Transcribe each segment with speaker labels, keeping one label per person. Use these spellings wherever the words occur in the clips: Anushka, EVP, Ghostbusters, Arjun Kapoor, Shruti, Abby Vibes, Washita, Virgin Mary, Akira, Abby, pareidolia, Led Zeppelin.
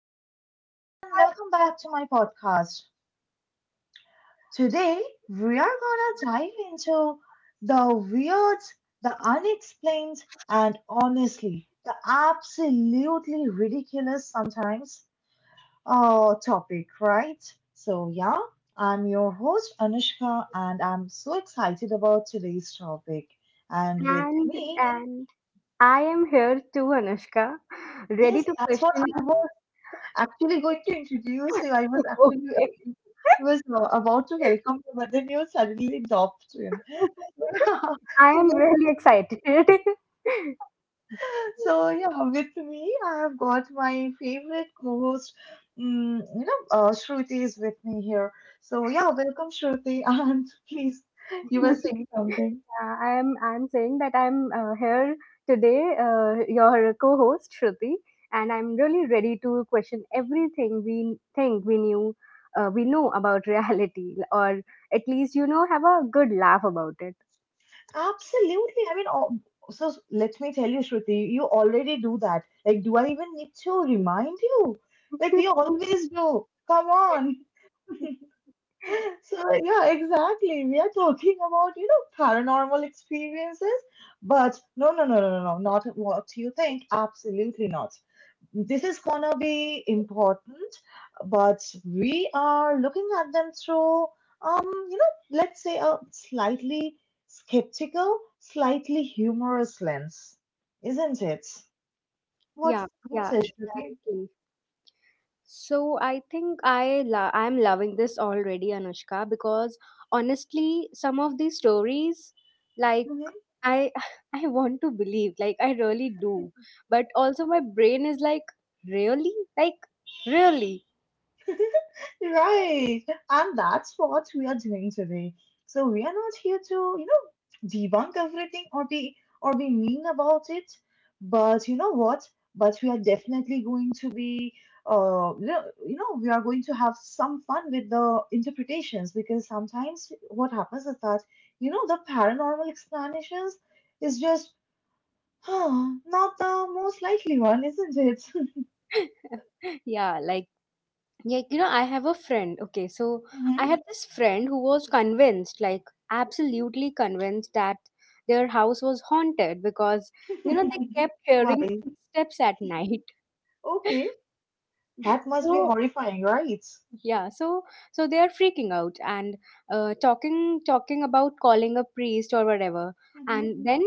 Speaker 1: everyone, and welcome back to my podcast. Today, we are gonna dive into the weird, the unexplained, and honestly, the absolutely ridiculous sometimes topic, right? So, yeah, I'm your host, Anushka, and I'm so excited about today's topic. And with
Speaker 2: And
Speaker 1: me,
Speaker 2: and I am here too, Anushka, ready
Speaker 1: yes,
Speaker 2: to
Speaker 1: that's what
Speaker 2: question.
Speaker 1: I want. Actually going to introduce you. I was actually
Speaker 2: Okay,
Speaker 1: uh, was uh, about to welcome you, but then you suddenly dropped him.
Speaker 2: I
Speaker 1: so,
Speaker 2: am
Speaker 1: with-
Speaker 2: really excited.
Speaker 1: so yeah, with me, I have got my favorite co-host. Shruti is with me here. So yeah, welcome Shruti, and please, you were saying something.
Speaker 2: Yeah, I am. I'm saying that I'm here today, your co-host Shruti, and I'm really ready to question everything we think we know about reality, or at least have a good laugh about it.
Speaker 1: Absolutely. I mean, oh, so let me tell you, Shruti, you already do that. Like, do I even need to remind you? Like, we always do. Come on. So, yeah, exactly. We are talking about, you know, paranormal experiences, but no, no, no, no, no, no, not what you think. Absolutely not. This is gonna be important, but we are looking at them through, let's say a slightly skeptical, slightly humorous lens, isn't it? What,
Speaker 2: Yeah, yeah,
Speaker 1: what's it, Shruti?
Speaker 2: exactly. So I think I'm loving this already, Anushka, because honestly, some of these stories, like
Speaker 1: Mhm.
Speaker 2: I I want to believe, like I really do, but also my brain is like, really, like really.
Speaker 1: Right. And that's what we are doing today. So we are not here to, debunk everything or be mean about it. But you know what? But we are definitely going to be you know, we are going to have some fun with the interpretations because sometimes what happens is that, the paranormal explanations is just, not the most likely one, isn't it?
Speaker 2: Yeah, like, you know, I have a friend. Okay, so I have this friend who was convinced, like, absolutely convinced that their house was haunted because, they
Speaker 1: Mhm.
Speaker 2: kept hearing
Speaker 1: Why?
Speaker 2: footsteps at night.
Speaker 1: Okay. That must be
Speaker 2: So,
Speaker 1: horrifying, right?
Speaker 2: yeah, so they are freaking out and talking about calling a priest or whatever.
Speaker 1: Hmm.
Speaker 2: And then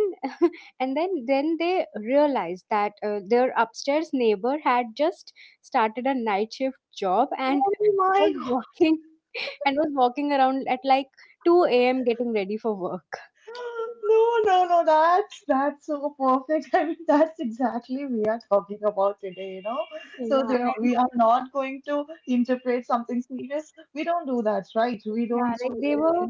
Speaker 2: and then they realized that their upstairs neighbor had just started a night shift job and
Speaker 1: Oh
Speaker 2: was
Speaker 1: my God.
Speaker 2: walking and was walking around at like 2 a.m getting ready for work.
Speaker 1: No, no, no, that's so perfect. I mean, that's exactly we are talking about today. So
Speaker 2: Yeah.
Speaker 1: there,
Speaker 2: And
Speaker 1: we are not going to interpret something serious. We don't do that, right? We
Speaker 2: yeah,
Speaker 1: don't do
Speaker 2: like they
Speaker 1: anything
Speaker 2: were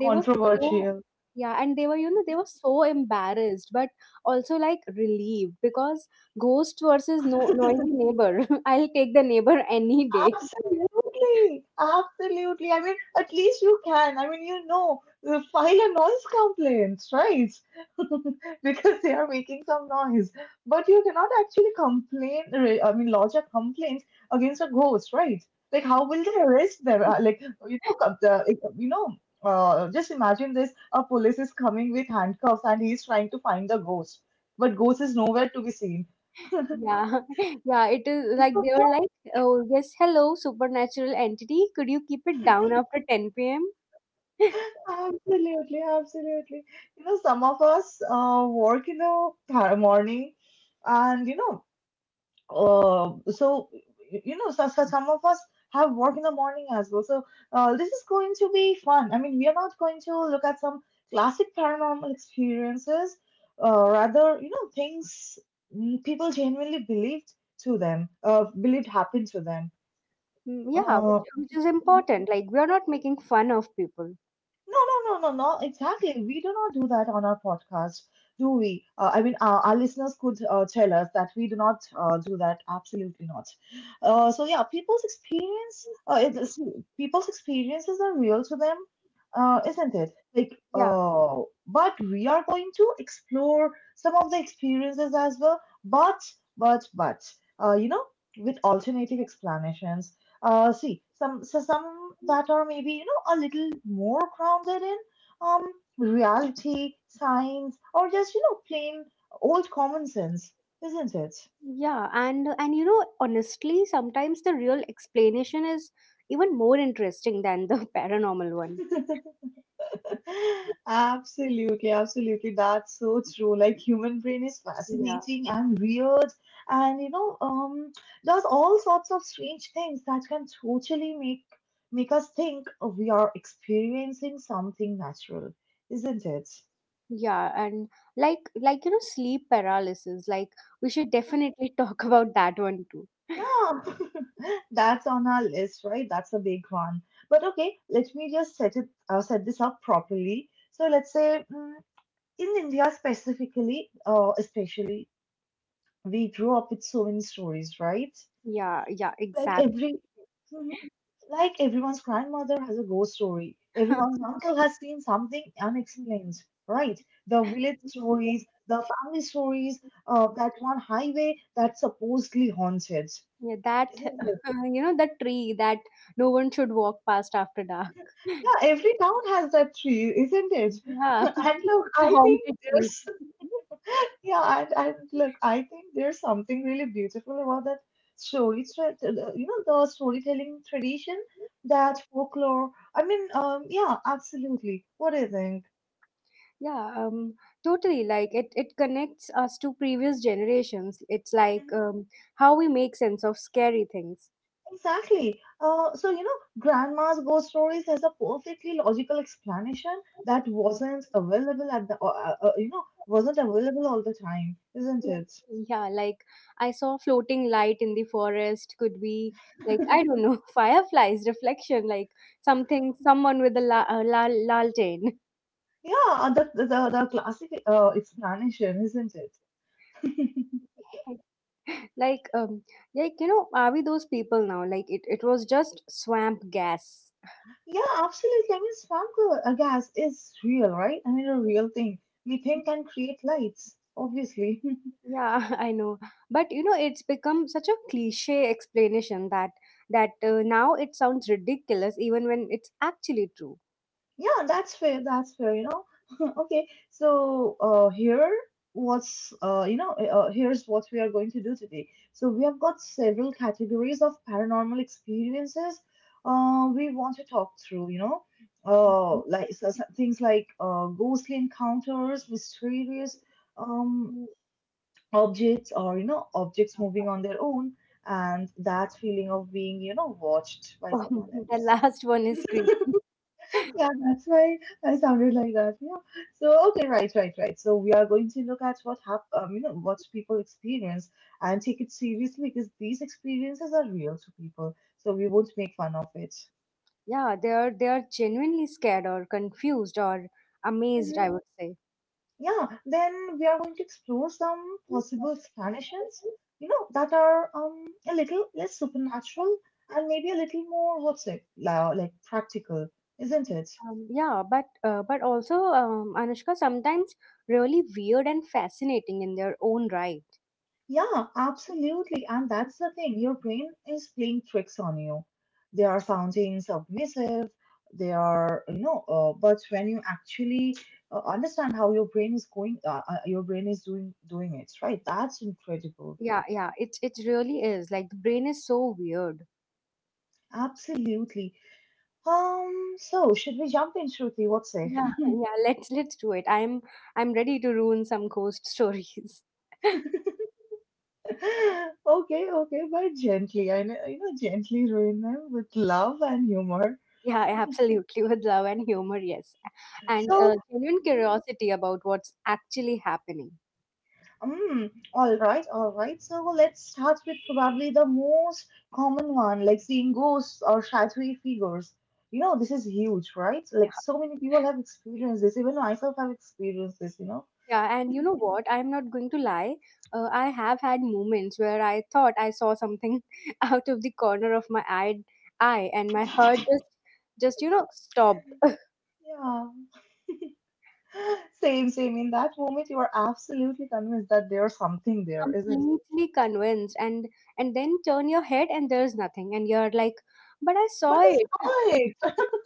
Speaker 2: they were so yeah. And they were so embarrassed, but also like relieved because ghost versus no noisy neighbor, I'll take the neighbor any day.
Speaker 1: Absolutely, absolutely. I mean, at least you can. I mean, you file a noise complaint, right? Because they are making some noise. But you cannot actually complain, I mean, lodge a complaint against a ghost, right? Like, how will they arrest them? Like, you know, co- the, like, you know, just imagine this, a police is coming with handcuffs and he's trying to find the ghost, but ghost is nowhere to be seen.
Speaker 2: Yeah, yeah, it is like they were like, oh, yes, hello, supernatural entity. Could you keep it down after 10 p.m.?
Speaker 1: Absolutely, absolutely. You know, some of us work in the morning, and uh, so so some of us have work in the morning as well. So this is going to be fun. I mean, we are not going to look at some classic paranormal experiences, rather, things, people genuinely believed happened to them.
Speaker 2: Mm, yeah, which,
Speaker 1: Uh,
Speaker 2: which is important. Like, we are not making fun of people.
Speaker 1: No, no, no, no, no. Exactly. We do not do that on our podcast, do we? I mean, our listeners could tell us that we do not do that. Absolutely not. So yeah, people's experiences are real to them, isn't it? Like,
Speaker 2: Yeah,
Speaker 1: but we are going to explore some of the experiences as well. But, uh, you know, with alternative explanations, see, some that are maybe a little more grounded in, um reality, science, or just plain old common sense, isn't it?
Speaker 2: yeah, and honestly, sometimes the real explanation is even more interesting than the paranormal one.
Speaker 1: Absolutely, absolutely. That's so true. Like, human brain is
Speaker 2: Yeah,
Speaker 1: fascinating and weird, and does all sorts of strange things that can totally make us think we are experiencing something natural, isn't it?
Speaker 2: yeah, and like sleep paralysis. Like, we should definitely talk about that one too.
Speaker 1: Yeah, that's on our list, right? That's a big one. But okay, let me just set this up properly. So let's say, in India specifically, especially, we grew up with so many stories, right?
Speaker 2: Yeah, yeah,
Speaker 1: Like
Speaker 2: exactly.
Speaker 1: every Mhm. Like everyone's grandmother has a ghost story. Everyone's uncle has seen something unexplained, right? The village stories, the family stories, that one highway that's supposedly haunted,
Speaker 2: Yeah, that
Speaker 1: isn't it?
Speaker 2: you know the tree that no one should walk past after dark.
Speaker 1: Yeah, every town has that tree, isn't it?
Speaker 2: Yeah,
Speaker 1: And look,
Speaker 2: the
Speaker 1: I think
Speaker 2: haunted tree.
Speaker 1: there's yeah, and look, I think there's something really beautiful about that story thread, you know, the storytelling tradition, that folklore. I mean, yeah, absolutely. What do you think?
Speaker 2: Yeah, totally. Like it connects us to previous generations. It's like
Speaker 1: Mhm.
Speaker 2: how we make sense of scary things.
Speaker 1: Exactly. So, grandma's ghost stories has a perfectly logical explanation that wasn't available at the, you know, wasn't available all the time, isn't it?
Speaker 2: Yeah, like I saw floating light in the forest, could be like I don't know, fireflies, reflection, like something, someone with lantern.
Speaker 1: Yeah, the classic explanation, isn't it?
Speaker 2: Like um, like are we those people now? Like it was just swamp gas.
Speaker 1: Yeah, absolutely. I mean, swamp gas is real, right? I mean, a real thing. Methane can create lights, obviously.
Speaker 2: Yeah, I know. But it's become such a cliche explanation that now it sounds ridiculous even when it's actually true.
Speaker 1: Yeah, that's fair. That's fair. Okay, so here's what we are going to do today. So we have got several categories of paranormal experiences, we want to talk through. You know, like, things like, ghostly encounters, mysterious, um,
Speaker 2: Mhm.
Speaker 1: objects, or objects
Speaker 2: Okay.
Speaker 1: moving on their own, and that feeling of being, watched by someone
Speaker 2: The
Speaker 1: else.
Speaker 2: last one is creepy.
Speaker 1: Yeah, that's why I sounded like that. Yeah. So okay, right, right, right. So we are going to look at what, what people experience and take it seriously because these experiences are real to people. So we won't make fun of it.
Speaker 2: Yeah, they are genuinely scared or confused or amazed,
Speaker 1: Hmm.
Speaker 2: I would say.
Speaker 1: Yeah. Then we are going to explore some possible explanations, that are, a little less supernatural and maybe a little more what's it, like, practical, isn't it?
Speaker 2: Yeah, but also Anushka sometimes really weird and fascinating in their own right.
Speaker 1: Yeah, absolutely. And that's the thing. Your brain is playing tricks on you. They are sounding submissive. They are, you know, but when you actually understand how your brain is going, your brain is doing it, right? That's incredible.
Speaker 2: Yeah, yeah, it really is. Like the brain is so weird.
Speaker 1: Absolutely. So should we jump in, Shruti? What say?
Speaker 2: Yeah, let's do it. I'm ready to ruin some ghost stories.
Speaker 1: Okay, okay, but gently. I know, gently ruin them with love and humor.
Speaker 2: Yeah, absolutely with love and humor, yes, and
Speaker 1: So,
Speaker 2: genuine curiosity about what's actually happening.
Speaker 1: All right, all right. So let's start with probably the most common one, like seeing ghosts or shadowy figures. You know, this is huge, right? Like, so many people have experienced this. Even myself have experienced this, you know?
Speaker 2: Yeah, and you know what? I'm not going to lie. I have had moments where I thought I saw something out of the corner of my eye, and my heart just stopped,
Speaker 1: Yeah. Same, same. In that moment, you are absolutely convinced that there's something there, isn't it?
Speaker 2: completely convinced, and then turn your head and there's nothing, and you're like, but I
Speaker 1: But
Speaker 2: saw it.
Speaker 1: it's not.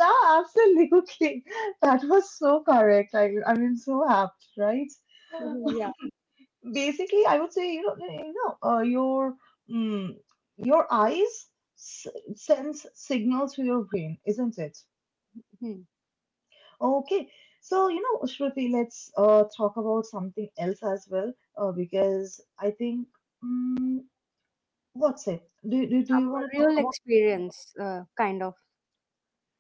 Speaker 1: Yeah, absolutely. That was so correct. I mean, so apt, right?
Speaker 2: Mhm. Yeah.
Speaker 1: Basically, I would say, you know eh, you know your, mm, your eyes s- sends signals to your brain, isn't it?
Speaker 2: Hmm.
Speaker 1: Okay, so, you know, Shruti, let's talk about something else as well, because I think, mm, what's it do you
Speaker 2: Some
Speaker 1: want to talk
Speaker 2: real
Speaker 1: about?
Speaker 2: experience, kind of.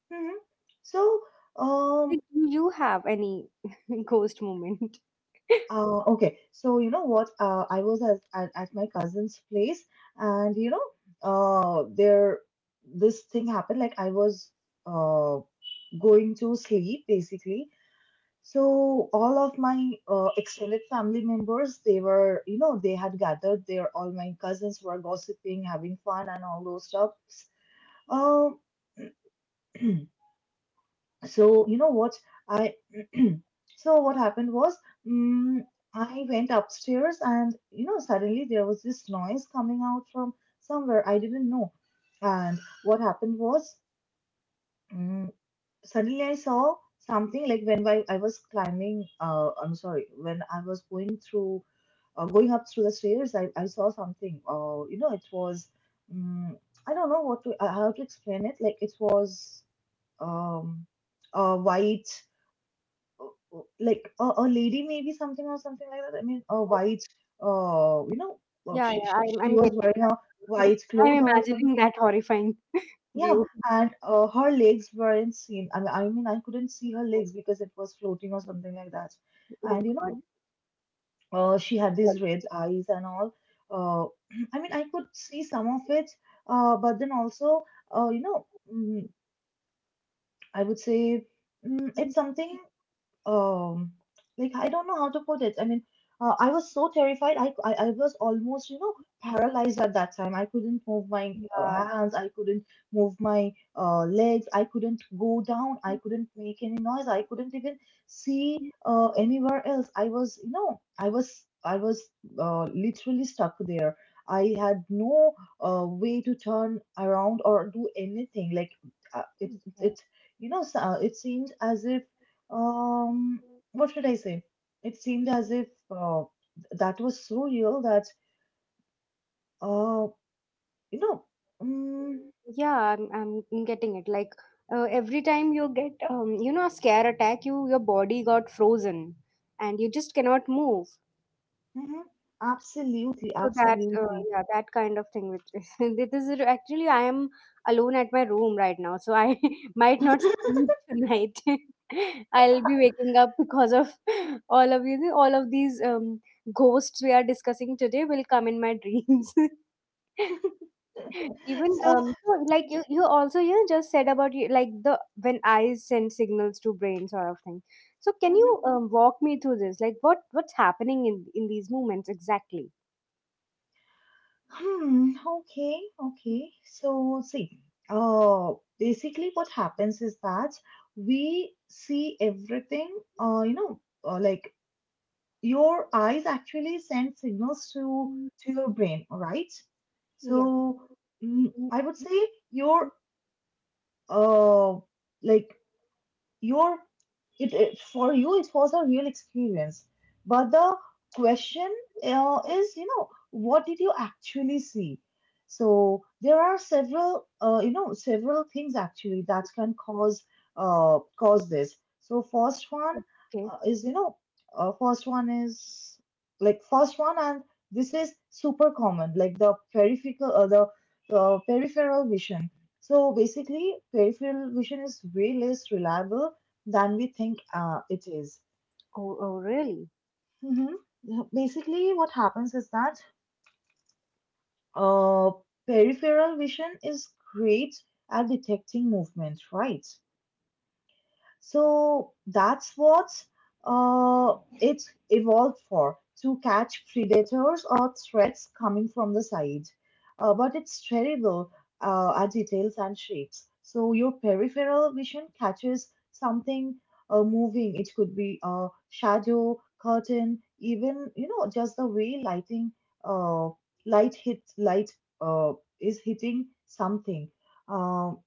Speaker 1: hmm so um
Speaker 2: Like, do you have any ghost moment?
Speaker 1: Okay, so you know what? I was, at my cousin's place, and there this thing happened. Like, I was uh, going to sleep basically. So all of my extended family members, they were, you know, they had gathered there. All my cousins were gossiping, having fun, and all those stuffs. Um, so you know what I So what happened was, mm I went upstairs, and suddenly there was this noise coming out from somewhere I didn't know. And what happened was, mm suddenly I saw something. Like, when I was climbing, I'm sorry, when I was going through going up through the stairs, I saw something, it was, mm I don't know what to how to explain it. Like, it was, um white, uh, like a lady maybe something or something like that. I mean, a white, you know, uh,
Speaker 2: Yeah,
Speaker 1: she,
Speaker 2: yeah,
Speaker 1: she
Speaker 2: I'm,
Speaker 1: she
Speaker 2: I'm
Speaker 1: was wearing a
Speaker 2: getting,
Speaker 1: white
Speaker 2: I'm
Speaker 1: cloth or
Speaker 2: imagining
Speaker 1: something.
Speaker 2: that horrifying
Speaker 1: Yeah,
Speaker 2: view.
Speaker 1: and her legs weren't seen. I mean, I couldn't see her legs because it was floating or something like that.
Speaker 2: Oh
Speaker 1: And
Speaker 2: God.
Speaker 1: she had
Speaker 2: Yeah.
Speaker 1: these red eyes and all. Uh, I mean, I could see some of it, but then also, uh, you know, mm, I would say, it's something, um like, I don't know how to put it. I mean, I was so terrified. I was almost, paralyzed at that time. I couldn't move my
Speaker 2: Yeah.
Speaker 1: hands. I couldn't move my legs. I couldn't go down. I couldn't make any noise. I couldn't even see anywhere else. I was literally stuck there. I had no way to turn around or do anything. Like, it it you know so- it seemed as if, um,
Speaker 2: Okay.
Speaker 1: what should I say? It seemed as if, that was so real that, uh, you know, mm,
Speaker 2: Yeah, I'm getting it. Like every time you get, a scare attack, your body got frozen, and you just cannot move.
Speaker 1: mhm, absolutely,
Speaker 2: So that,
Speaker 1: absolutely.
Speaker 2: yeah, that kind of thing. Which is, this actually, I am alone at my room right now, so I might not sleep tonight. I'll be waking up because of all of you. All of these ghosts we are discussing today will come in my dreams. Even
Speaker 1: So,
Speaker 2: so like
Speaker 1: mhm,
Speaker 2: you also just said about you like the when eyes send signals to brain sort of thing. So can
Speaker 1: mhm.
Speaker 2: you walk me through this? Like what's happening in these moments exactly?
Speaker 1: Okay, okay. So see, uh, basically, what happens is that we see everything, like your eyes actually send signals to your brain, all right?
Speaker 2: Yeah.
Speaker 1: So I would say your uh like your it, it for you it was a real experience, but the question is, you know, what did you actually see? So there are several several things actually that can cause cause this. So first one
Speaker 2: Okay.
Speaker 1: is, you know, uh, first one is first one, and this is super common, like the peripheral vision. So basically peripheral vision is way less reliable than we think it is.
Speaker 2: Oh really?
Speaker 1: Mhm. Basically, what happens is that uh, peripheral vision is great at detecting movement, right? So that's what it evolved for, to catch predators or threats coming from the side. But it's terrible at details and shapes. So your peripheral vision catches something moving. It could be a shadow, curtain, even, you know, just the way lighting, uh, light hit light uh, is hitting something. Um,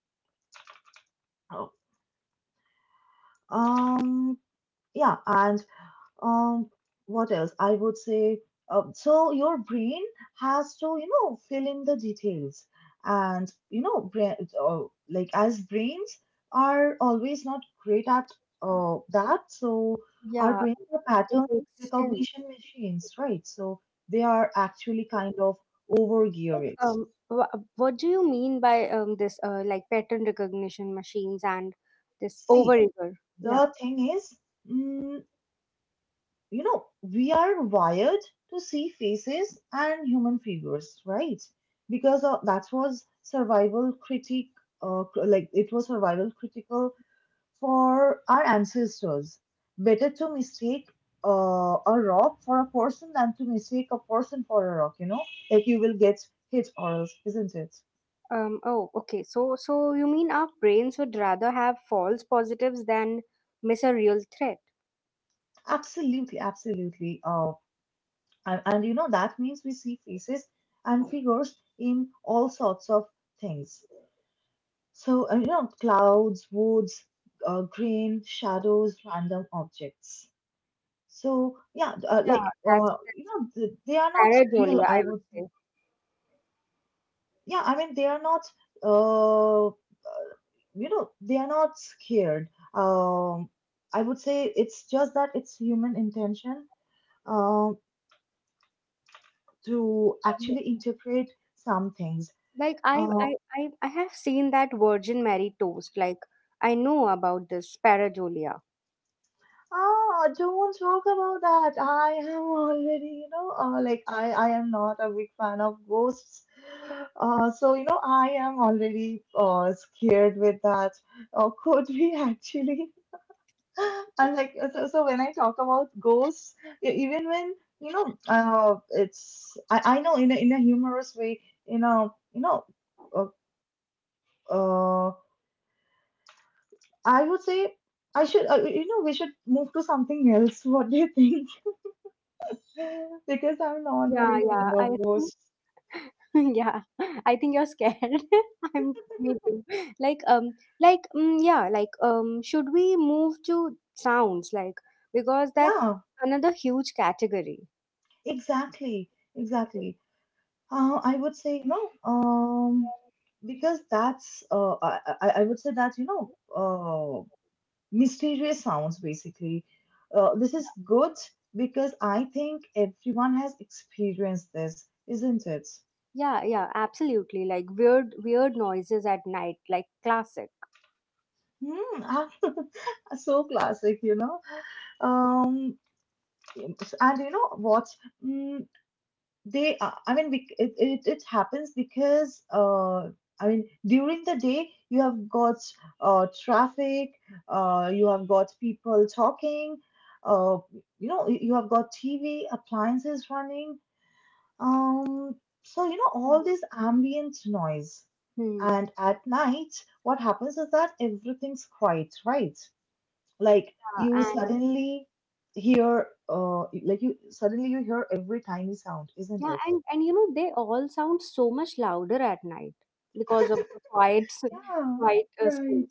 Speaker 1: um, yeah. And Um, what else? I would say, so your brain has to, you know, fill in the details. And, you know, brain, uh, like as brains are always not great at that, so our
Speaker 2: Yeah,
Speaker 1: brains are
Speaker 2: it
Speaker 1: pattern
Speaker 2: makes sense.
Speaker 1: recognition machines, right? So they are actually kind of over
Speaker 2: Like,
Speaker 1: geared.
Speaker 2: what do you mean by this like pattern recognition machines and this
Speaker 1: See,
Speaker 2: overeager? Yeah.
Speaker 1: the thing is, mm, you know, we are wired to see faces and human figures, right? Because that was survival critic, cr- like it was survival critical for our ancestors. Better to mistake a rock for a person than to mistake a person for a rock, you know? Like you will get hit or else, isn't it?
Speaker 2: Oh, okay. So you mean our brains would rather have false positives than miss a real threat?
Speaker 1: Absolutely, absolutely. And you know, that means we see faces and figures in all sorts of things. So, you know, clouds, woods, green, shadows, random objects. So, yeah,
Speaker 2: Yeah, that's
Speaker 1: you
Speaker 2: that's
Speaker 1: know, th they are not real,
Speaker 2: pareidolia,
Speaker 1: I
Speaker 2: I would
Speaker 1: would say.
Speaker 2: say.
Speaker 1: Yeah, I mean, they are not, uh, you know, they are not scared. Um, I would say it's just that it's human intention, um, to
Speaker 2: Um,
Speaker 1: actually interpret some things.
Speaker 2: Like I,
Speaker 1: Uh,
Speaker 2: I, I, I have seen that Virgin Mary toast. Like I know about this pareidolia.
Speaker 1: Ah, don't talk about that. I am already, you know, I am not a big fan of ghosts. So, you know, I am already scared with that. Could we actually? And like, so when I talk about ghosts, even when, you know, it's, I know in a humorous way, in a, you know, uh, uh, I would say I should, you know, we should move to something else. What do you think? Because I'm not
Speaker 2: Yeah,
Speaker 1: very fond
Speaker 2: yeah. I
Speaker 1: of
Speaker 2: think
Speaker 1: those.
Speaker 2: yeah, I think you're scared. I'm Me too. Like like mm, yeah, like should we move to sounds? Like because that's
Speaker 1: Yeah,
Speaker 2: another huge category.
Speaker 1: exactly, exactly. I would say, no. um, because that's, I would say that, you know, uh, mysterious sounds basically. This is good because I think everyone has experienced this, isn't it?
Speaker 2: Yeah, yeah, absolutely. Like weird, weird noises at night, like classic.
Speaker 1: Hmm, so classic, you know. Um, and you know what? Mm, I mean, it happens because, I mean, during the day, you have got traffic, you have got people talking, uh, you know, you have got TV, appliances running. Um, so, you know, all this ambient noise.
Speaker 2: Hmm.
Speaker 1: And at night, what happens is that everything's quiet, right? Like
Speaker 2: Yeah,
Speaker 1: you
Speaker 2: and
Speaker 1: suddenly you hear every tiny sound, isn't
Speaker 2: yeah,
Speaker 1: it?
Speaker 2: and they all sound so much louder at night because of the quiet, s-
Speaker 1: Yeah,
Speaker 2: quiet uh,
Speaker 1: right.
Speaker 2: space.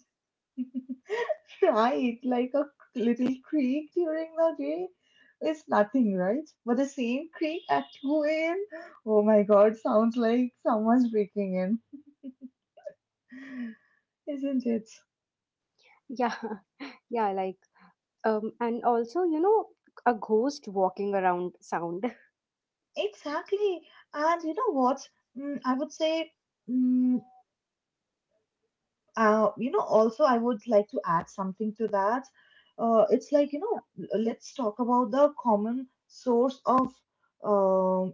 Speaker 1: Right, like a little creak during the day is nothing, right? But the same creak at 2 a.m., oh my God, sounds like someone's breaking in, isn't it?
Speaker 2: Yeah, yeah, like and also a ghost walking around sound.
Speaker 1: Exactly. And you know what? I would say, mm, you know, also I would like to add something to that. It's like, you know, let's talk about the common source of um.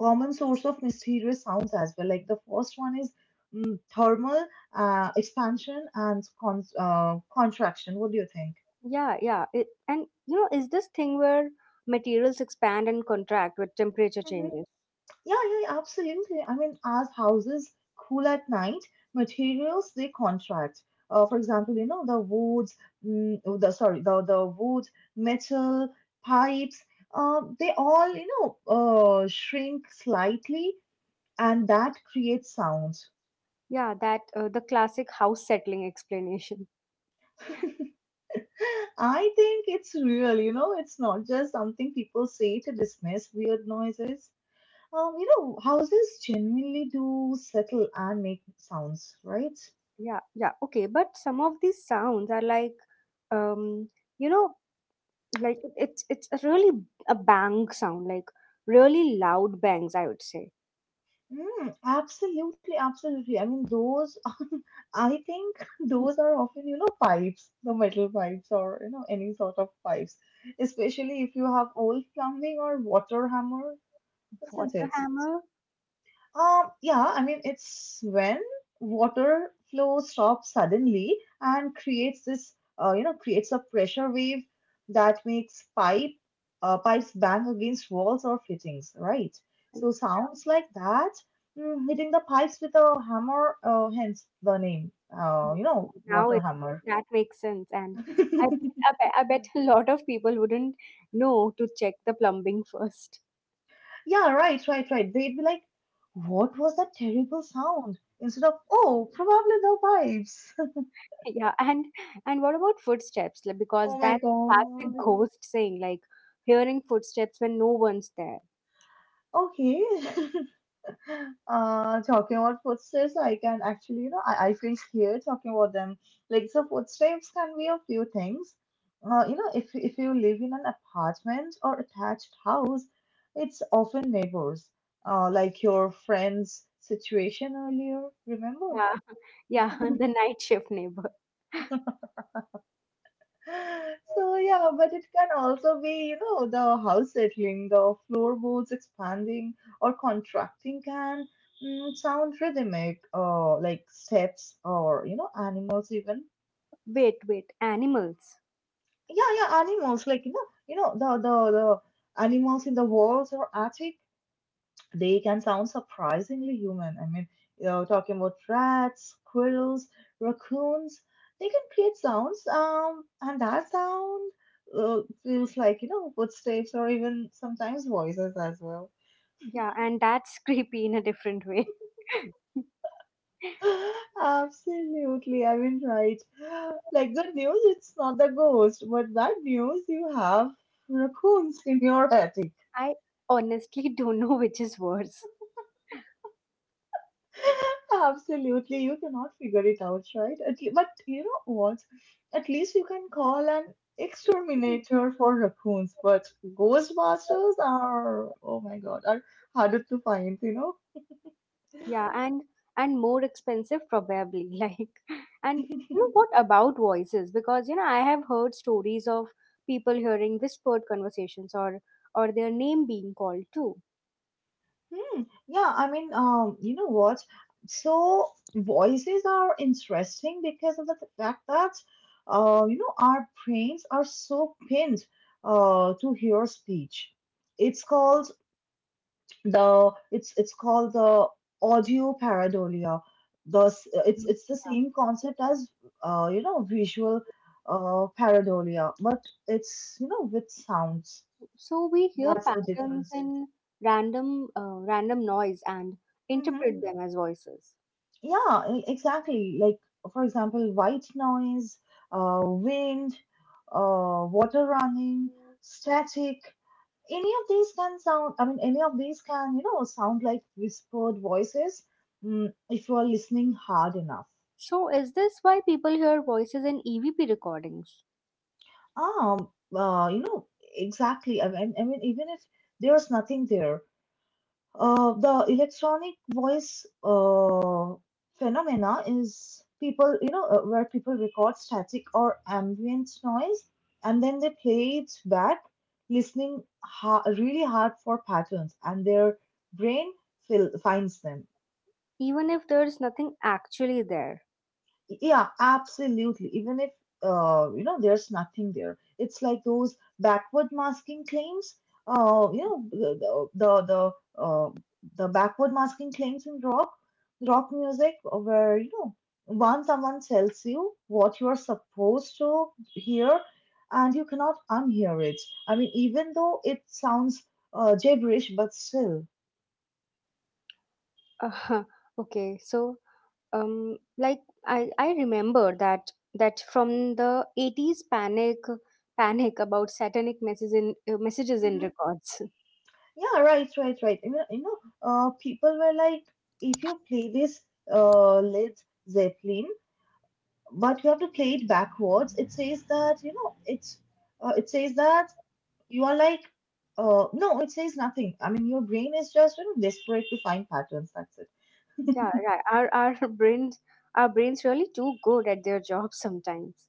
Speaker 1: mysterious sounds as well. Like the first one is thermal expansion and contraction. What do you think?
Speaker 2: Yeah, yeah, and is this thing where materials expand and contract with temperature
Speaker 1: hmm
Speaker 2: changes.
Speaker 1: Yeah, yeah, yeah, absolutely. I mean, as houses cool at night, materials they contract. For example, you know the woods, mm, oh, the sorry, the wood, metal, pipes. They all, you know, shrink slightly, and that creates sound.
Speaker 2: Yeah, that the classic house settling explanation.
Speaker 1: I think it's real, you know, it's not just something people say to dismiss weird noises. You know, houses genuinely do settle and make sounds, right?
Speaker 2: Yeah, yeah, okay. But some of these sounds are like, um, you know, like it's a bang sound, like really loud bangs, I would say.
Speaker 1: Absolutely, absolutely. I mean, those, I think
Speaker 2: Mm.
Speaker 1: those are often, you know, pipes, the metal pipes, or, you know, any sort of pipes, especially if you have old plumbing or water hammer, isn't
Speaker 2: What's a
Speaker 1: it?
Speaker 2: hammer?
Speaker 1: Yeah, I mean, it's when water flow stops suddenly and creates this, creates a pressure wave that makes pipes bang against walls or fittings, right?
Speaker 2: And
Speaker 1: So sounds like that hitting the pipes with a hammer, hence the name, you know,
Speaker 2: now
Speaker 1: water
Speaker 2: it
Speaker 1: hammer.
Speaker 2: that makes sense, and I bet, I bet I bet a lot of people wouldn't know to check the plumbing first.
Speaker 1: Yeah, right, right, right. They'd be like, what was that terrible sound? Instead of, oh, probably the pipes.
Speaker 2: Yeah, and what about footsteps? Like, because
Speaker 1: Oh my
Speaker 2: that's a classic
Speaker 1: god.
Speaker 2: ghost saying, like hearing footsteps when no one's there.
Speaker 1: Okay. Talking about footsteps, I can actually, you know, I feel scared talking about them. Like, so footsteps can be a few things. You know, if you live in an apartment or attached house, it's often neighbors. Like your friend's situation earlier, remember?
Speaker 2: Yeah, yeah, the night shift neighbor.
Speaker 1: So yeah, but it can also be, you know, the house settling, the floorboards expanding or contracting can sound rhythmic, like steps, or, you know, animals even.
Speaker 2: Wait, wait, animals.
Speaker 1: Yeah, yeah, animals, like, you know, the animals in the walls or attic, they can sound surprisingly human. I mean, you know, talking about rats, squirrels, raccoons, they can create sounds, and that sound feels like, you know, footsteps or even sometimes voices as well.
Speaker 2: Yeah, and that's creepy in a different way.
Speaker 1: Absolutely, I mean, right. Like, good news, it's not the ghost, but bad news, you have raccoons in your attic.
Speaker 2: I honestly don't know which is worse.
Speaker 1: Absolutely, you cannot figure it out, right? But you know what? At least you can call an exterminator for raccoons, but Ghostbusters are, oh my God, are harder to find, you know?
Speaker 2: Yeah, and more expensive probably. Like, and what about voices? Because I have heard stories of people hearing whispered conversations or their name being called too.
Speaker 1: Hmm. Yeah, I mean, you know what? So voices are interesting because of the fact that, you know, our brains are so pinned, to hear speech. It's called the it's called the audio pareidolia, the s- it's the same concept as, you know, visual pareidolia, but it's, you know, with sounds,
Speaker 2: So we hear
Speaker 1: that's the
Speaker 2: patterns
Speaker 1: difference.
Speaker 2: in random noise and
Speaker 1: hmm
Speaker 2: interpret them as voices.
Speaker 1: yeah, exactly, like for example, white noise, wind, water running, static, any of these can sound, any of these can, you know, sound like whispered voices, if you are listening hard enough.
Speaker 2: So, is this why people hear voices in EVP recordings,
Speaker 1: Um, you know, exactly. I mean, even if there's nothing there, the electronic voice phenomena is people, you know, where people record static or ambient noise and then they play it back, listening ha really hard for patterns, and their brain fil finds them.
Speaker 2: even if there's nothing actually there?
Speaker 1: Yeah, absolutely. Even if, you know, there's nothing there, it's like those backward masking claims. You know, the, uh, the backward masking claims in rock music, where, you know, once someone tells you what you are supposed to hear, and you cannot unhear it. I mean, even though it sounds gibberish, but still.
Speaker 2: Uh, okay, so like I remember that from the 80s panic about satanic messages in records.
Speaker 1: Yeah, right, right, right. I mean, you know, people were like, if you play this Led Zeppelin, but you have to play it backwards, it says that, you know, it says that you are like, no, it says nothing. I mean, your brain is just, you know, desperate to find patterns. That's it.
Speaker 2: Yeah, right. Our brains our brains really too good at their job sometimes.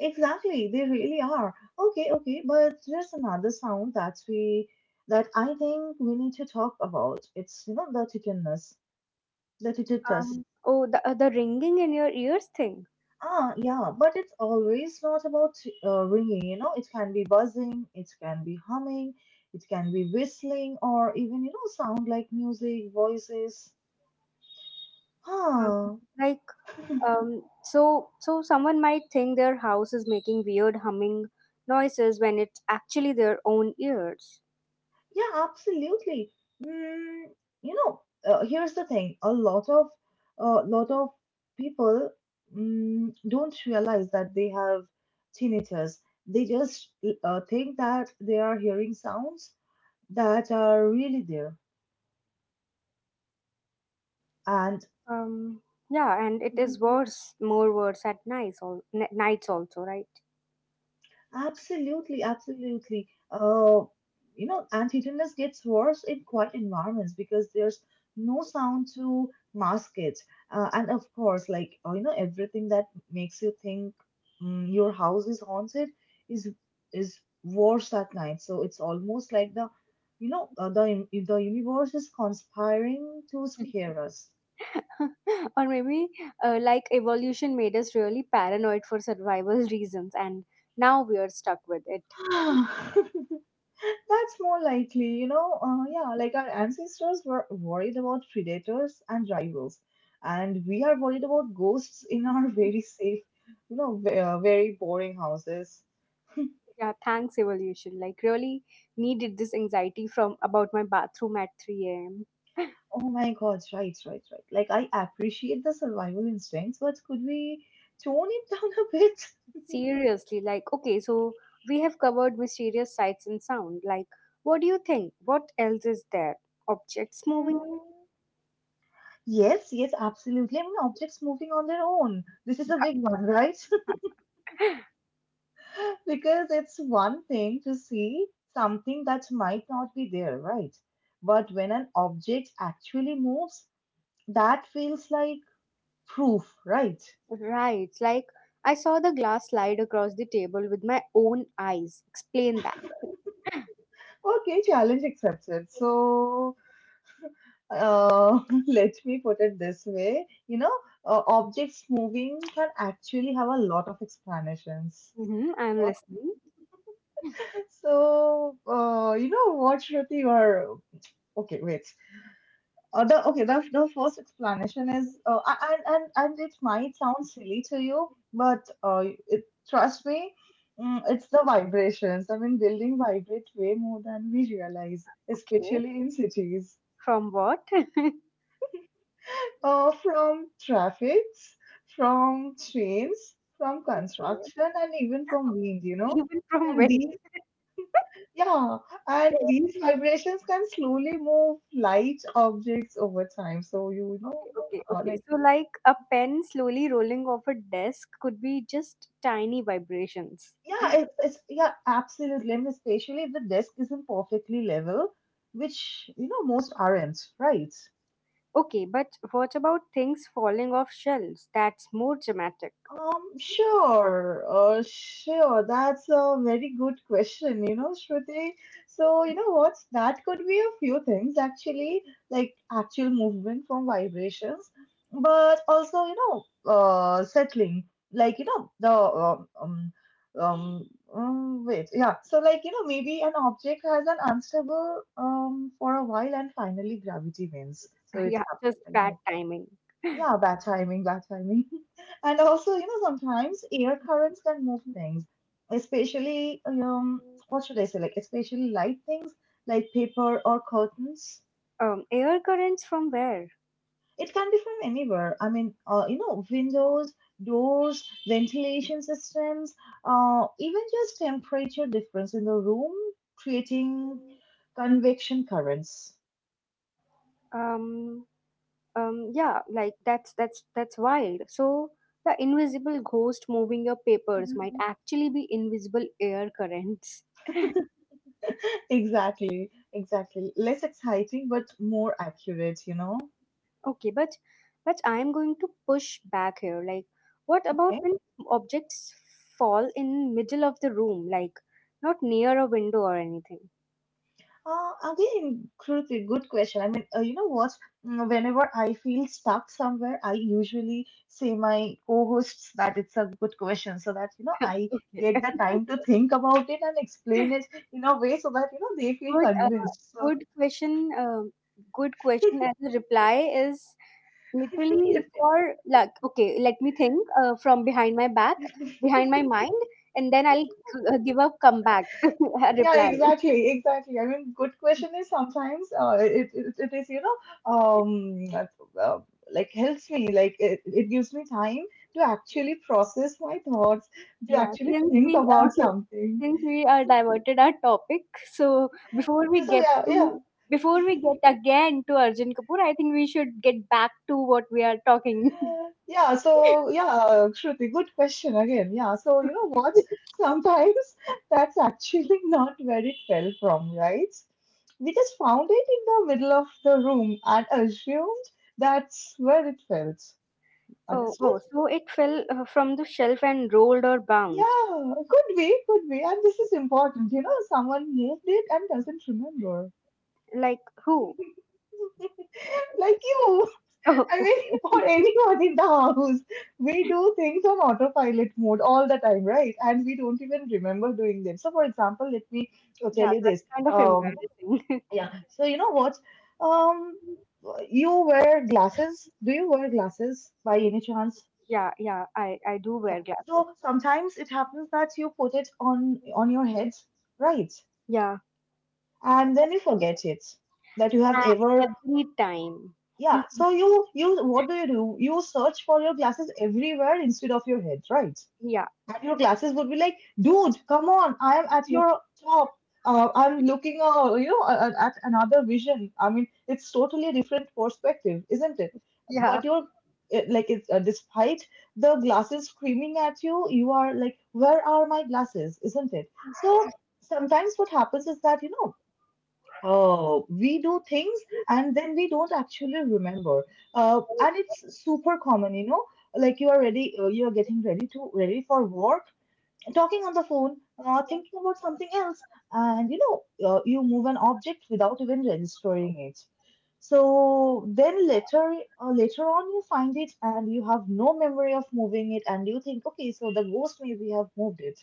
Speaker 1: Exactly, they really are. Okay, okay, but there's another sound that we that I think we need to talk about. It's, you know, the titanus.
Speaker 2: Oh, the ringing in your ears thing.
Speaker 1: Ah, yeah, but it's always not about ringing, you know, it can be buzzing, it can be humming, it can be whistling, or even, you know, sound like music, voices.
Speaker 2: Um,
Speaker 1: Ah,
Speaker 2: like so someone might think their house is making weird humming noises when it's actually their own ears.
Speaker 1: yeah, absolutely. Mm, you know, here's the thing, a lot of people don't realize that they have tinnitus. They just think that they are hearing sounds that are really there. And
Speaker 2: Um, yeah, and it is worse, more worse at nights, all nights also, right?
Speaker 1: absolutely, absolutely. You know, and tetanus gets worse in quiet environments because there's no sound to mask it. And of course, like, you know, everything that makes you think your house is haunted is is worse at night. So it's almost like the, you know, the universe is conspiring to scare us.
Speaker 2: Or maybe, like evolution made us really paranoid for survival reasons, and now we are stuck with it.
Speaker 1: That's more likely, you know. Yeah, like our ancestors were worried about predators and rivals, and we are worried about ghosts in our very safe, you know, very boring houses.
Speaker 2: Yeah, thanks evolution. Like, really needed this anxiety from about my bathroom at 3 a.m.
Speaker 1: Oh my God, right, right, right. Like I appreciate the survival instincts, but could we tone it down a bit?
Speaker 2: Seriously, like, okay, so we have covered mysterious sights and sound. Like, what do you think? What else is there? Objects moving?
Speaker 1: Mm, Yes, yes, absolutely. I mean, objects moving on their own. This is a big one, right? Because it's one thing to see something that might not be there, right? But when an object actually moves, that feels like proof, right?
Speaker 2: Right, like, I saw the glass slide across the table with my own eyes. Explain that.
Speaker 1: Okay, challenge accepted. So, uh, let me put it this way, objects moving can actually have a lot of explanations.
Speaker 2: Mm-hmm, I'm listening.
Speaker 1: So, you know what, Shruti, or okay, wait. The first explanation is, and it might sound silly to you, but it, trust me, it's the vibrations. I mean, building vibrate way more than we realize,
Speaker 2: Okay,
Speaker 1: especially in cities.
Speaker 2: from what?
Speaker 1: From traffics, from trains, from construction, and even from wind, you know.
Speaker 2: Even from
Speaker 1: And
Speaker 2: when?
Speaker 1: these, yeah, and these vibrations can slowly move light objects over time. So you know,
Speaker 2: Okay, okay,
Speaker 1: uh,
Speaker 2: okay.
Speaker 1: like
Speaker 2: So, like a pen slowly rolling off a desk could be just tiny vibrations.
Speaker 1: Yeah, it's absolutely. And especially if the desk isn't perfectly level, which you know most aren't, right?
Speaker 2: Okay, but what about things falling off shelves? That's more dramatic.
Speaker 1: Sure, sure. That's a very good question, you know, Shruti. So, you know what? That could be a few things actually, like actual movement from vibrations, but also, settling, like, you know, the um, wait, yeah. So, like, you know, maybe an object has an unstable for a while, and finally gravity wins. So it
Speaker 2: Yeah,
Speaker 1: happens
Speaker 2: just
Speaker 1: like
Speaker 2: bad
Speaker 1: that.
Speaker 2: timing.
Speaker 1: Yeah, bad timing, bad timing. And also, you know, sometimes air currents can move things, especially, what should I say, like, especially light things like paper or curtains.
Speaker 2: Air currents from where?
Speaker 1: It can be from anywhere. I mean, you know, windows, doors, ventilation systems, even just temperature difference in the room creating convection currents.
Speaker 2: Um, yeah, like that's wild. So the invisible ghost moving your papers
Speaker 1: Mhm.
Speaker 2: might actually be invisible air currents.
Speaker 1: Exactly, exactly. Less exciting, but more accurate, you know?
Speaker 2: Okay, but I am going to push back here. Like, what about
Speaker 1: Okay.
Speaker 2: when objects fall in middle of the room, like not near a window or anything?
Speaker 1: Again, Kruti, good question. I mean, you know what? Whenever I feel stuck somewhere, I usually say my co-hosts that it's a good question, so that you know I
Speaker 2: Okay.
Speaker 1: get the time to think about it and explain it in a way so that you know they feel
Speaker 2: Good, uh,
Speaker 1: convinced. So
Speaker 2: good question. Good question. As a reply is literally
Speaker 1: it
Speaker 2: for like okay. Let me think. From behind my back, behind my mind, and then I'll give a comeback a
Speaker 1: Yeah,
Speaker 2: reply.
Speaker 1: exactly, exactly. I mean, good question is sometimes it is uh, like helps me like it gives me time to actually process my thoughts to
Speaker 2: Yeah,
Speaker 1: actually
Speaker 2: since
Speaker 1: think
Speaker 2: we
Speaker 1: about something.
Speaker 2: since we are diverted our topic, so
Speaker 1: Yeah, So yeah, yeah,
Speaker 2: before we get again to Arjun Kapoor, I think we should get back to what we are talking.
Speaker 1: yeah. So yeah, Shruti, good question again. Yeah. So you know what? Sometimes that's actually not where it fell from, right? We just found it in the middle of the room and assumed that's where it felt.
Speaker 2: Oh,
Speaker 1: Understood?
Speaker 2: oh, so it fell from the shelf and rolled or bounced.
Speaker 1: Yeah, could be, could be. And this is important, you know, someone nailed it and doesn't remember.
Speaker 2: Like who?
Speaker 1: Like you.
Speaker 2: Oh,
Speaker 1: I mean, or
Speaker 2: okay.
Speaker 1: anyone in the house. We do things on autopilot mode all the time, right? And we don't even remember doing them. So, for example, let me tell
Speaker 2: Yeah,
Speaker 1: you
Speaker 2: that's
Speaker 1: this.
Speaker 2: kind of
Speaker 1: Um,
Speaker 2: embarrassing.
Speaker 1: yeah, so you know what? Um, you wear glasses. Do you wear glasses by any chance?
Speaker 2: Yeah, yeah, I do
Speaker 1: Yeah.
Speaker 2: wear glasses.
Speaker 1: So sometimes it happens that you put it on your head, right?
Speaker 2: Yeah,
Speaker 1: And then you forget it that you have
Speaker 2: uh,
Speaker 1: ever,
Speaker 2: every time.
Speaker 1: yeah. So you what do you do? You search for your glasses everywhere instead of your head, right?
Speaker 2: Yeah,
Speaker 1: And your glasses would be like, dude, come on, I am at your top. I'm looking, at another vision. I mean, it's totally a different perspective, isn't it?
Speaker 2: yeah.
Speaker 1: But you're it- like it's despite the glasses screaming at you, you are like, where are my glasses, isn't it? So sometimes what happens is that, you know, oh, we do things and then we don't actually remember. And it's super common, you know, like you are ready, you are getting ready to ready for work, talking on the phone, thinking about something else, and you know, you move an object without even registering it. So then later, later on, you find it and you have no memory of moving it, and you think, okay, so the ghost maybe have moved it.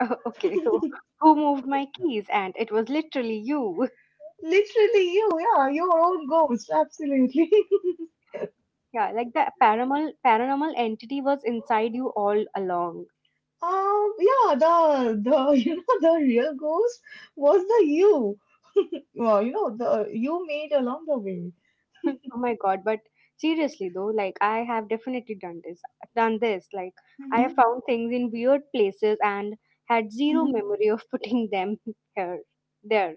Speaker 2: Oh, okay, so who moved my keys? And it was literally you.
Speaker 1: Literally, you, yeah, your own ghost, absolutely.
Speaker 2: Yeah, like the paranormal entity was inside you all along.
Speaker 1: Yeah, the you know the real ghost was the you. Well, you know the you made along the way.
Speaker 2: Oh my god, but seriously though, like I have definitely done this. Done this. Like I
Speaker 1: Mm-hmm.
Speaker 2: have found things in weird places and had zero
Speaker 1: Mm-hmm.
Speaker 2: memory of putting them here there.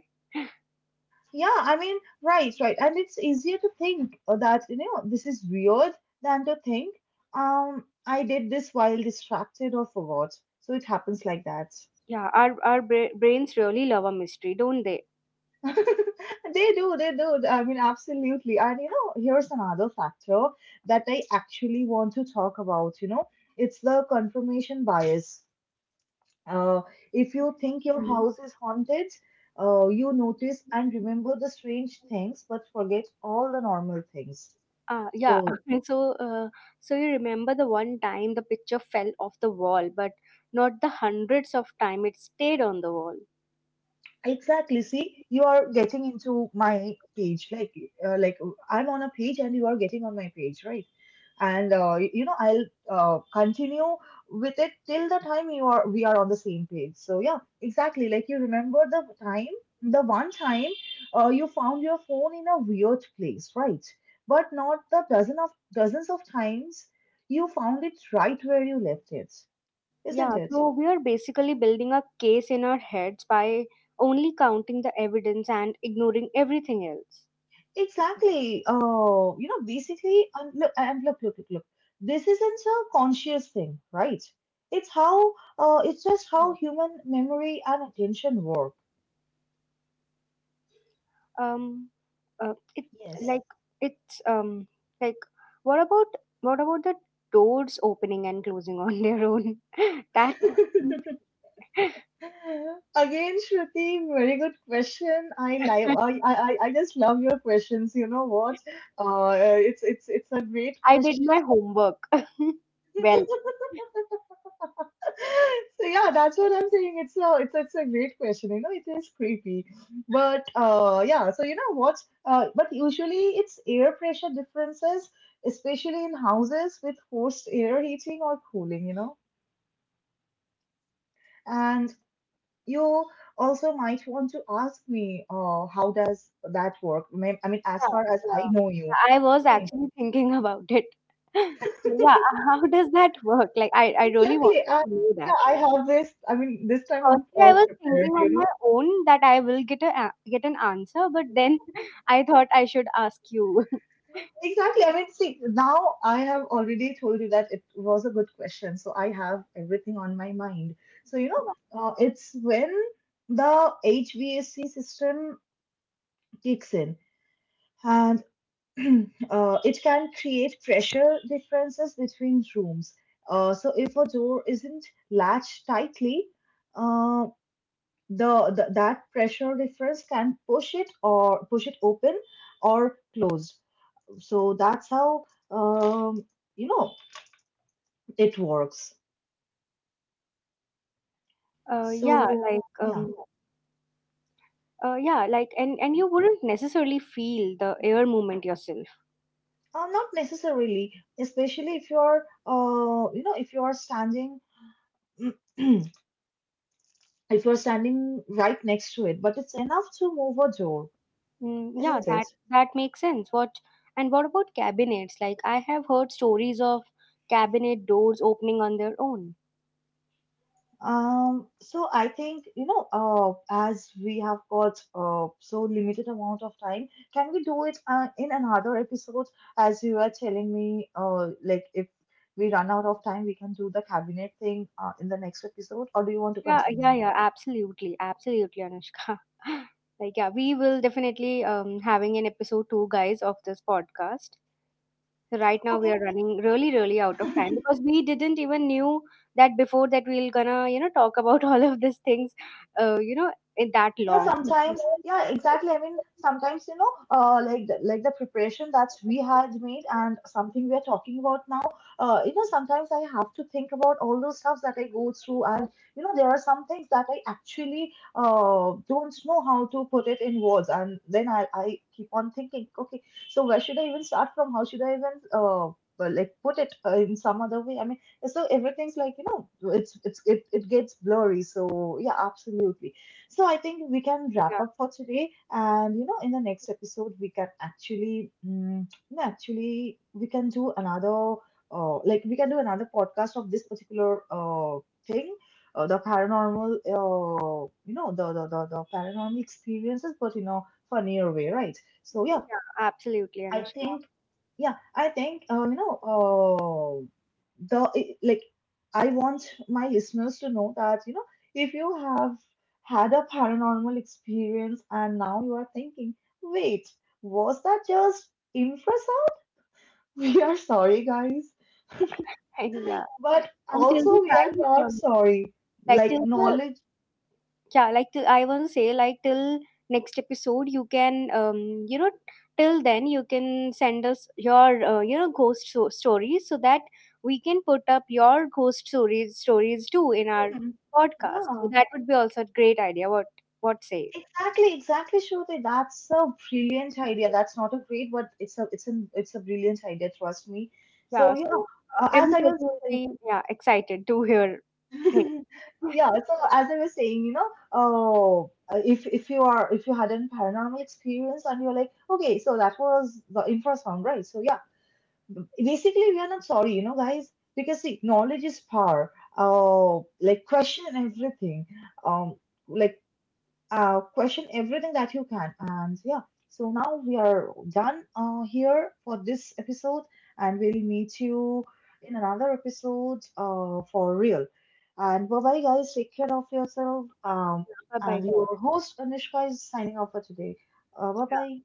Speaker 1: Yeah, I mean, right, right. And it's easier to think that, you know, this is weird than to think, I did this while distracted or forgot. So it happens like that.
Speaker 2: Yeah, our brains really love a mystery, don't they?
Speaker 1: They do, they do. I mean, absolutely. And, you know, here's another factor that I actually want to talk about, you know, it's the confirmation bias. Uh, if you think your
Speaker 2: Mhm.
Speaker 1: house is haunted, you notice and remember the strange things, but forget all the normal things.
Speaker 2: Ah, yeah.
Speaker 1: So,
Speaker 2: And so you remember the one time the picture fell off the wall, but not the hundreds of time it stayed on the wall.
Speaker 1: exactly. See, you are getting into my page, like I'm on a page and you are getting on my page, right? And you know, I'll continue with it till the time you are we are on the same page. So yeah, exactly. Like you remember the time, the one time you found your phone in a weird place, right? But not the dozens of times you found it right where you left it, isn't
Speaker 2: Yeah,
Speaker 1: it?
Speaker 2: so we are basically building a case in our heads by only counting the evidence and ignoring everything else.
Speaker 1: Exactly. Oh, you know, basically, and look, look, look, look. This isn't a conscious thing, right? It's how, it's just
Speaker 2: Yeah.
Speaker 1: how human memory and attention work.
Speaker 2: Um, it
Speaker 1: Yes.
Speaker 2: like it's like what about what about the doors opening and closing on their own? That
Speaker 1: Again, Shruti, very good question. I like, I just love your questions. You know what? It's a great
Speaker 2: I did
Speaker 1: question.
Speaker 2: my homework. Well.
Speaker 1: So yeah, that's what I'm saying. It's a great question. You know, it is creepy, but yeah. So you know what? But usually it's air pressure differences, especially in houses with forced air heating or cooling. You know, and you also might want to ask me, how does that work? May- I mean, as
Speaker 2: Yeah,
Speaker 1: far as I
Speaker 2: yeah.
Speaker 1: know you,
Speaker 2: Yeah, I was
Speaker 1: right?
Speaker 2: actually thinking about it. Yeah, how does that work? Like, I really wanted
Speaker 1: Exactly.
Speaker 2: to know
Speaker 1: Yeah,
Speaker 2: that.
Speaker 1: I have this. I mean, this time I'm
Speaker 2: Firstly, I
Speaker 1: all
Speaker 2: was
Speaker 1: prepared.
Speaker 2: thinking
Speaker 1: You
Speaker 2: on my
Speaker 1: know.
Speaker 2: own that I will get an answer, but then I thought I should ask you.
Speaker 1: Exactly. I mean, see, now I have already told you that it was a good question. So I have everything on my mind. So, you know, it's when the HVAC system kicks in and it can create pressure differences between rooms. So if a door isn't latched tightly, uh, the that pressure difference can push it or push it open or closed. So that's how, um, you know, it works.
Speaker 2: Uh, yeah,
Speaker 1: So
Speaker 2: like
Speaker 1: yeah,
Speaker 2: um, yeah, like and you wouldn't necessarily feel the air movement yourself.
Speaker 1: not necessarily, especially if you know, if you are standing if you're standing right next to it, but it's enough to move a door,
Speaker 2: Mm, yeah,
Speaker 1: isn't
Speaker 2: that
Speaker 1: it?
Speaker 2: that makes sense. What about cabinets? Like I have heard stories of cabinet doors opening on their own.
Speaker 1: So I think, you know, as we have got so limited amount of time, can we do it in another episode? As you were telling me, like if we run out of time, we can do the cabinet thing in the next episode, or do you want to
Speaker 2: Yeah, yeah,
Speaker 1: continue?
Speaker 2: yeah, absolutely, absolutely, Anushka. Like yeah, we will definitely having an episode two guys of this podcast. So right now we are
Speaker 1: Okay,
Speaker 2: running really, really out of time because we didn't even knew that before that we'll gonna, talk about all of these things, uh, you know, in that
Speaker 1: yeah,
Speaker 2: long.
Speaker 1: sometimes, yeah, exactly. I mean, sometimes, you know, like the preparation that we had made and something we are talking about now, you know, sometimes I have to think about all those stuffs that I go through, and you know, there are some things that I actually don't know how to put it in words, and then I keep on thinking, okay, so where should I even start from? How should I even like put it in some other way? I mean, so everything's like, you know, it gets blurry. So yeah, absolutely. So I think we can wrap
Speaker 2: Yeah,
Speaker 1: up for today, and you know, in the next episode, we can actually, mm, no, actually, we can do another, we can do another podcast of this particular thing, the paranormal, you know, the paranormal experiences, but you know, funnier way, right? So
Speaker 2: yeah, absolutely,
Speaker 1: I
Speaker 2: Anushka.
Speaker 1: think yeah, I think you know the I- like I want my listeners to know that you know if you have had a paranormal experience and now you are thinking, wait, was that just infrasound? We are sorry, guys,
Speaker 2: yeah.
Speaker 1: but
Speaker 2: Until the
Speaker 1: also we are
Speaker 2: time,
Speaker 1: not sorry.
Speaker 2: like
Speaker 1: Like
Speaker 2: till the,
Speaker 1: knowledge,
Speaker 2: yeah, like till, I want to say, like till next episode you can till then you can send us your ghost stories so that we can put up your ghost stories too in our
Speaker 1: hmm,
Speaker 2: podcast. So
Speaker 1: yeah,
Speaker 2: that would be also a great idea. What say?
Speaker 1: exactly, exactly, Shruti. That's a brilliant idea. That's not a great, but it's a brilliant idea. Trust me.
Speaker 2: Yeah.
Speaker 1: So you know,
Speaker 2: So
Speaker 1: as I
Speaker 2: everybody
Speaker 1: was
Speaker 2: will
Speaker 1: saying-
Speaker 2: be, yeah, excited to hear things.
Speaker 1: yeah. So as I was saying, you know, oh, if you are if you had a paranormal experience and you're like, okay, so that was the infrasound, right? So yeah, basically we are not sorry, you know, guys, because see, knowledge is power. Like question everything. Um, like Question everything that you can. And yeah, so now we are done here for this episode, and we'll meet you in another episode for real. And bye bye, guys. Take care of yourself.
Speaker 2: Bye bye
Speaker 1: And
Speaker 2: guys.
Speaker 1: your host Anishka is signing off for today. Bye
Speaker 2: Yeah.
Speaker 1: bye.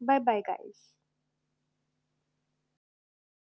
Speaker 2: Bye bye guys.